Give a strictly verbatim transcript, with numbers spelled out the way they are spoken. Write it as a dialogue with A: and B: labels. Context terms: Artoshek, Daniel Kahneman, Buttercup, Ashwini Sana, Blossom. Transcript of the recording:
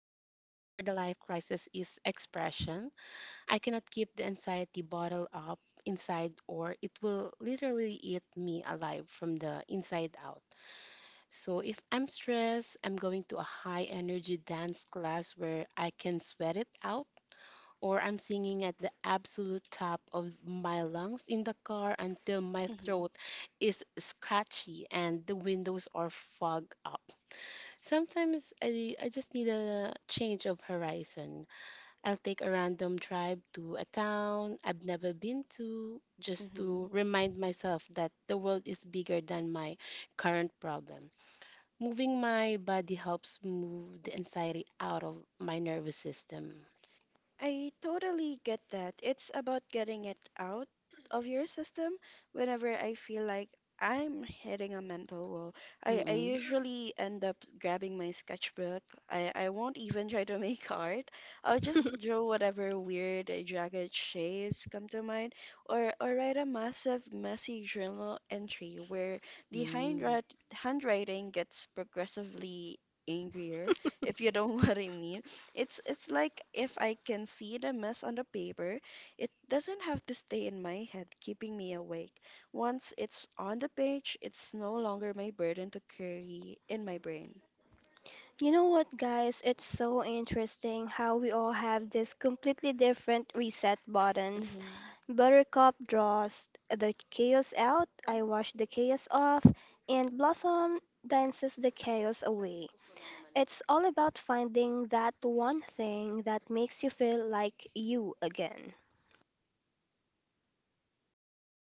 A: life crisis is expression. I cannot keep the anxiety bottled up inside, or it will literally eat me alive from the inside out. So if I'm stressed, I'm going to a high energy dance class where I can sweat it out, or I'm singing at the absolute top of my lungs in the car until my
B: Mm-hmm.
A: throat is scratchy and the windows are fogged up. Sometimes I, I just need a change of horizon. I'll take a random drive to a town I've never been to just to
B: Mm-hmm.
A: remind myself that the world is bigger than my current problem. Moving my body helps move the anxiety out of my nervous system.
B: I totally get that. It's about getting it out of your system. Whenever I feel like I'm hitting a mental wall, I, I usually end up grabbing my sketchbook. I, I won't even try to make art. I'll just draw whatever weird, uh, jagged shapes come to mind, or, or write a massive, messy journal entry where the
A: Mm-mm.
B: handwrit handwriting gets progressively angrier, if you know what I mean. It's it's like if I can see the mess on the paper, it doesn't have to stay in my head, keeping me awake. Once it's on the page, it's no longer my burden to carry in my brain.
C: You know what, guys? It's so interesting how we all have these completely different reset buttons.
B: Hmm.
C: Buttercup draws the chaos out, I wash the chaos off, and Blossom dances the chaos away. It's all about finding that one thing that makes you feel like you again.